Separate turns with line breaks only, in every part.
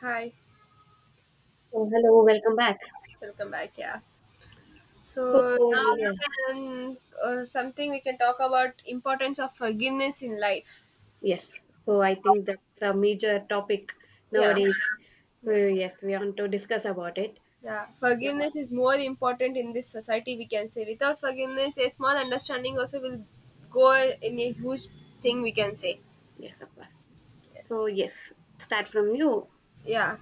Hi,
So hello, welcome back.
welcome back. Yeah.
So
So now we
yeah,
can something we can talk about importance of forgiveness in life.
yes. So I think that's a major topic
Yeah,
nowadays. So
yeah,
yes, we want to discuss about it.
yeah.
Yeah,
Forgiveness is more important in this society. We can say without forgiveness, a small understanding also will go in a huge thing, we can say.
yes, of course. So yes, start from you.
Yeah.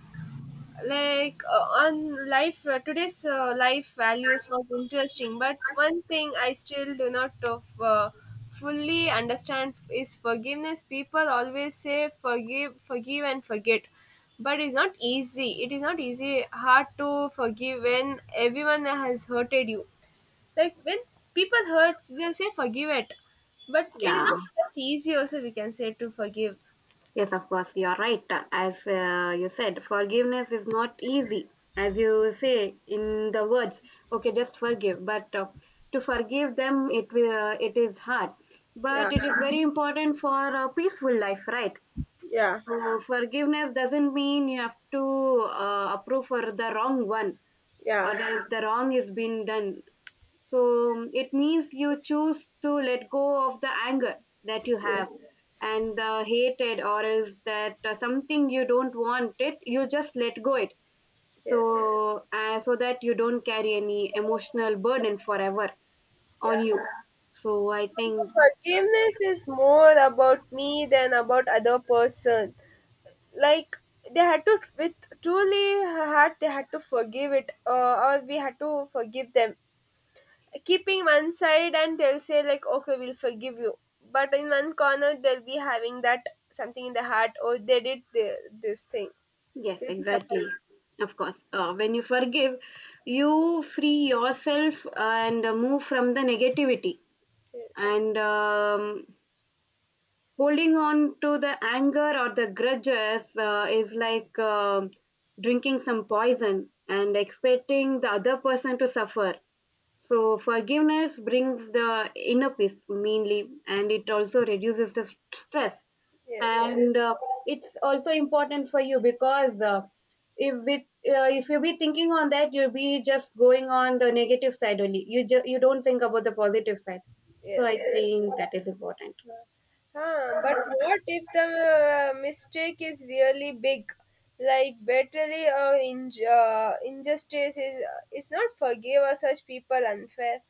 Like on life today's life values was interesting, but one thing I still do not of, fully understand is forgiveness. People always say forgive and forget, but it's not easy. It is not easy, hard to forgive when everyone has hurted you. Like, when people hurts, they'll say forgive it, but it is
Yeah,
not such easy also, we can say, to forgive.
yes, of course. You're right. As you said, forgiveness is not easy. As you say in the words, okay, just forgive. But to forgive them, it will. It is hard. But it is very important for a peaceful life, right?
Yeah,
So forgiveness doesn't mean you have to approve for the wrong one
yeah,
or else the wrong is been done. So it means you choose to let go of the anger that you
yes
have and the hated or else that something you don't want it, you just let go it.
yes,
So that you don't carry any emotional burden forever on
yeah.
you. So I think
Forgiveness is more about me than about other person. Like, they had to with truly heart, they had to forgive it, or we had to forgive them. Keeping one side, and they'll say like, okay, we'll forgive you, but in one corner they'll be having that something in the heart, or they did this thing,
yes,
they'll be
exactly.
suffering.
Of course. When you forgive, you free yourself and move from the negativity.
yes
And holding on to the anger or the grudges is like drinking some poison and expecting the other person to suffer. So, forgiveness brings the inner peace mainly, and it also reduces the stress
yes
and it's also important for you because if with if you be thinking on that, you'll be just going on the negative side only. You don't think about the positive side, so I
yes
think that is important.
Huh, but what if the mistake is really big? Like, betterly, injustice is not forgive, or such people unfair.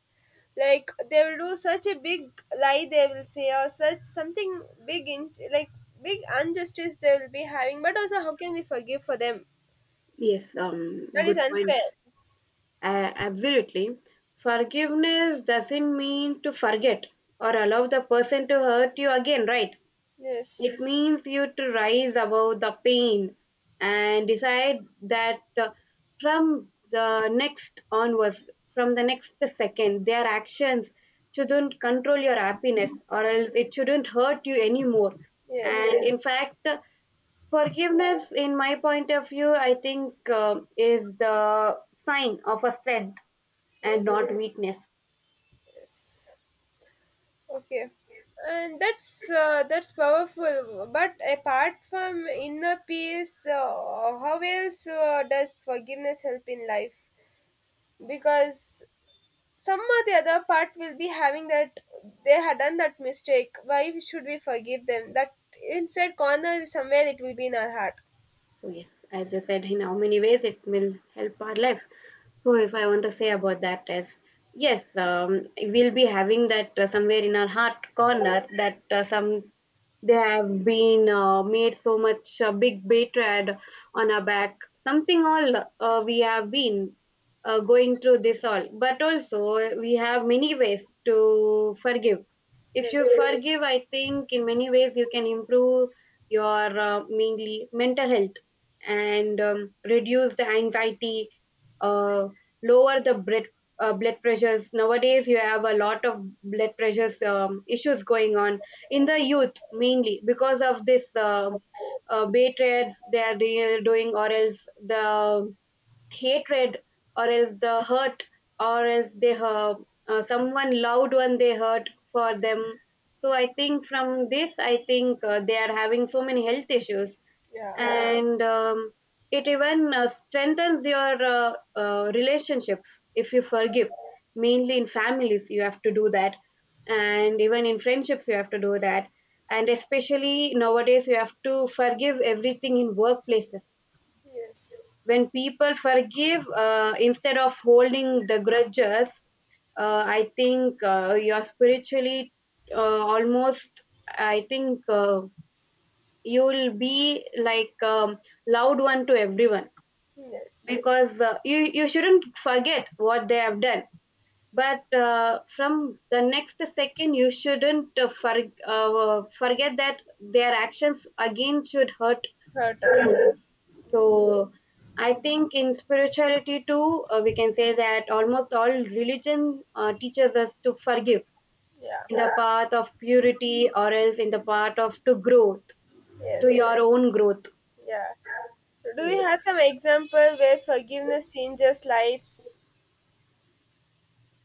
Like, they will do such a big lie, they will say, or such something big, like, big injustice they will be having. But also, how can we forgive for them?
Yes,
That is
good point.
unfair.
uh, Absolutely, forgiveness doesn't mean to forget or allow the person to hurt you again, right? It
Yes,
means you to rise above the pain and decide that from the next onwards, from the next second, their actions shouldn't control your happiness or else it shouldn't hurt you anymore.
yes,
And in yes. fact, forgiveness, in my point of view, I think is the sign of a strength and
yes,
not yes. weakness.
yes. Okay, and that's powerful, but apart from inner peace, how else does forgiveness help in life, because some or the other part will be having that they had done that mistake, why should we forgive them, that inside corner somewhere it will be in our heart.
So yes, as I said, in how many ways it will help our lives. So if I want to say about that is yes, we'll be having that somewhere in our heart corner that some, they have been made so much big, betrayed on our back, something all we have been going through this all. But also, we have many ways to forgive. If you
yes
forgive, I think in many ways you can improve your mainly mental health and reduce the anxiety, uh, lower the blood pressures. Nowadays you have a lot of blood pressures, issues going on in the youth mainly because of this betrayals they are doing, or else the hatred or else the hurt, or else they hurt someone, loved one, they hurt for them. So I think from this, I think they are having so many health issues.
yeah
And it even strengthens your relationships if you forgive. Mainly in families you have to do that, and even in friendships you have to do that, and especially nowadays you have to forgive everything in workplaces.
yes
When people forgive, instead of holding the grudges, I think you're spiritually almost, I think you'll be like loud one to everyone,
yes
because uh, you shouldn't forget what they have done. But from the next second you shouldn't forget that their actions again should hurt
Hurt us.
you. So
yes
I think in spirituality too, we can say that almost all religion teaches us to forgive,
yeah
in the path of purity or else in the path of to growth, to
yes
your own growth.
yeah Do you have some example where forgiveness changes lives?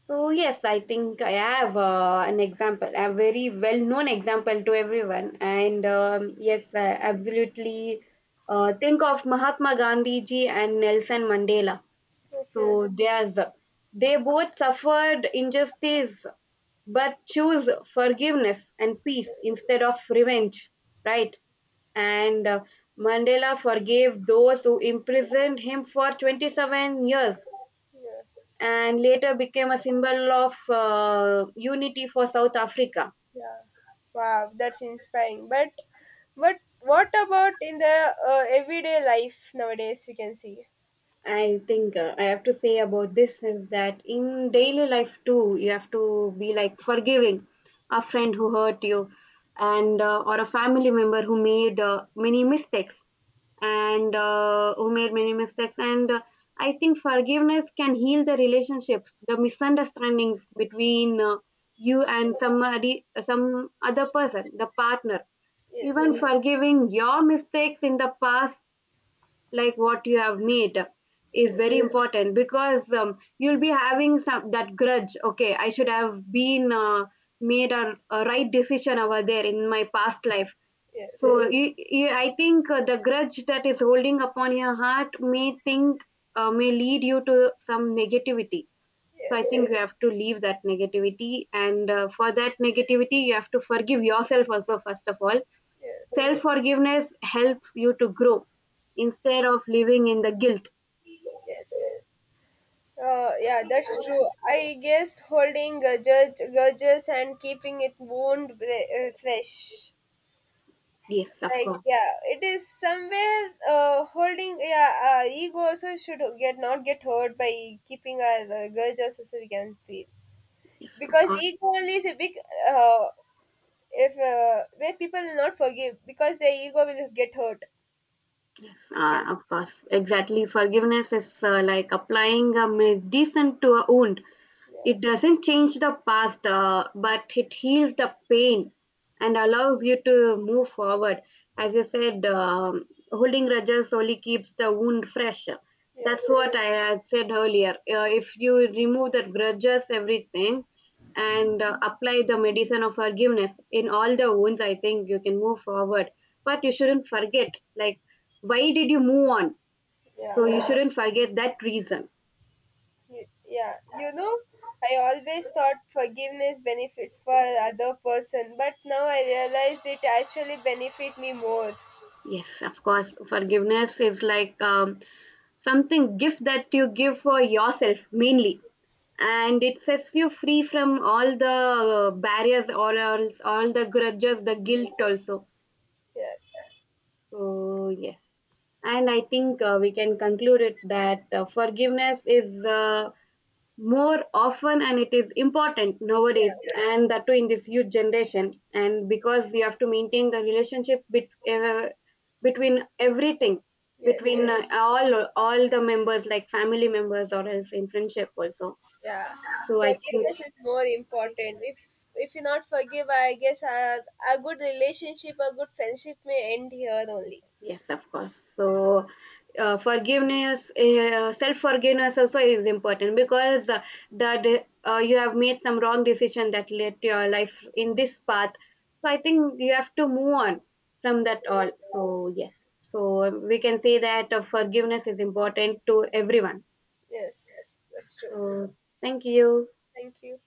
So yes, I think I have an example, a very well-known example to everyone. And yes, I absolutely think of Mahatma Gandhi ji and Nelson Mandela.
Okay.
So there's They both suffered injustice, but choose forgiveness and peace
Yes.
instead of revenge, right? And Mandela forgave those who imprisoned him for 27 years
Yeah.
and later became a symbol of unity for South Africa.
Yeah. Wow, that's inspiring. But what about in the everyday life nowadays? We can see.
I think I have to say about this is that in daily life too, you have to be like forgiving a friend who hurt you, and or a family member who made many mistakes, and who made many mistakes. And I think forgiveness can heal the relationships, the misunderstandings between you and somebody, some other person, the partner, even
Yes.
forgiving your mistakes in the past, like what you have made, is
Yes.
very yes important, because you'll be having some that grudge, okay, I should have been made a right decision over there in my past life. So yes
Yes.
you, you, I think the grudge that is holding upon your heart may think may lead you to some negativity. So I
Yes.
think yes, you have to leave that negativity, and for that negativity you have to forgive yourself also first of all.
Yes.
Self-forgiveness helps you to grow, instead of living in the guilt.
Yes. Yeah, that's true. I guess holding grudges, and keeping it wound fresh.
Yes, of
Like,
course.
yeah, it is somewhere, holding, yeah, ego also should get not get hurt by keeping our grudges also, so we can feel,
Yes, of
because
course.
ego only is a big uh, if where people will not forgive because their ego will get hurt.
Yes,
You can,
of course, exactly. Forgiveness is like applying a medicine to a wound.
yeah.
It doesn't change the past, but it heals the pain and allows you to move forward. As you said, holding grudges only keeps the wound fresh. That's
yes
what I had said earlier. If you remove the grudges, everything, and apply the medicine of forgiveness in all the wounds, I think you can move forward. But you shouldn't forget, like, why did you move on,
yeah
so you shouldn't forget that reason.
y- yeah you know, I always thought forgiveness benefits for other person, but now I realize it actually benefit me more.
Yes, of course, forgiveness is like something gift that you give for yourself mainly,
Yes.
and it sets you free from all the barriers or else all the grudges, the guilt also.
Yes.
So, yes. And I think we can conclude it that forgiveness is more often and it is important nowadays,
Yeah.
and that too in this youth generation. And because you have to maintain the relationship between everything,
Yes.
between all the members, like family members or else in friendship also.
Yeah,
So I think
forgiveness is more important. If you not forgive, I guess a good relationship, a good friendship may end here only.
yes, of course. So, forgiveness, self forgiveness also is important because that you have made some wrong decision that led to your life in this path. So, I think you have to move on from
Yes.
that all. So, yes. So, we can say that forgiveness is important to everyone.
Yes, that's true.
So, thank you.
Thank you.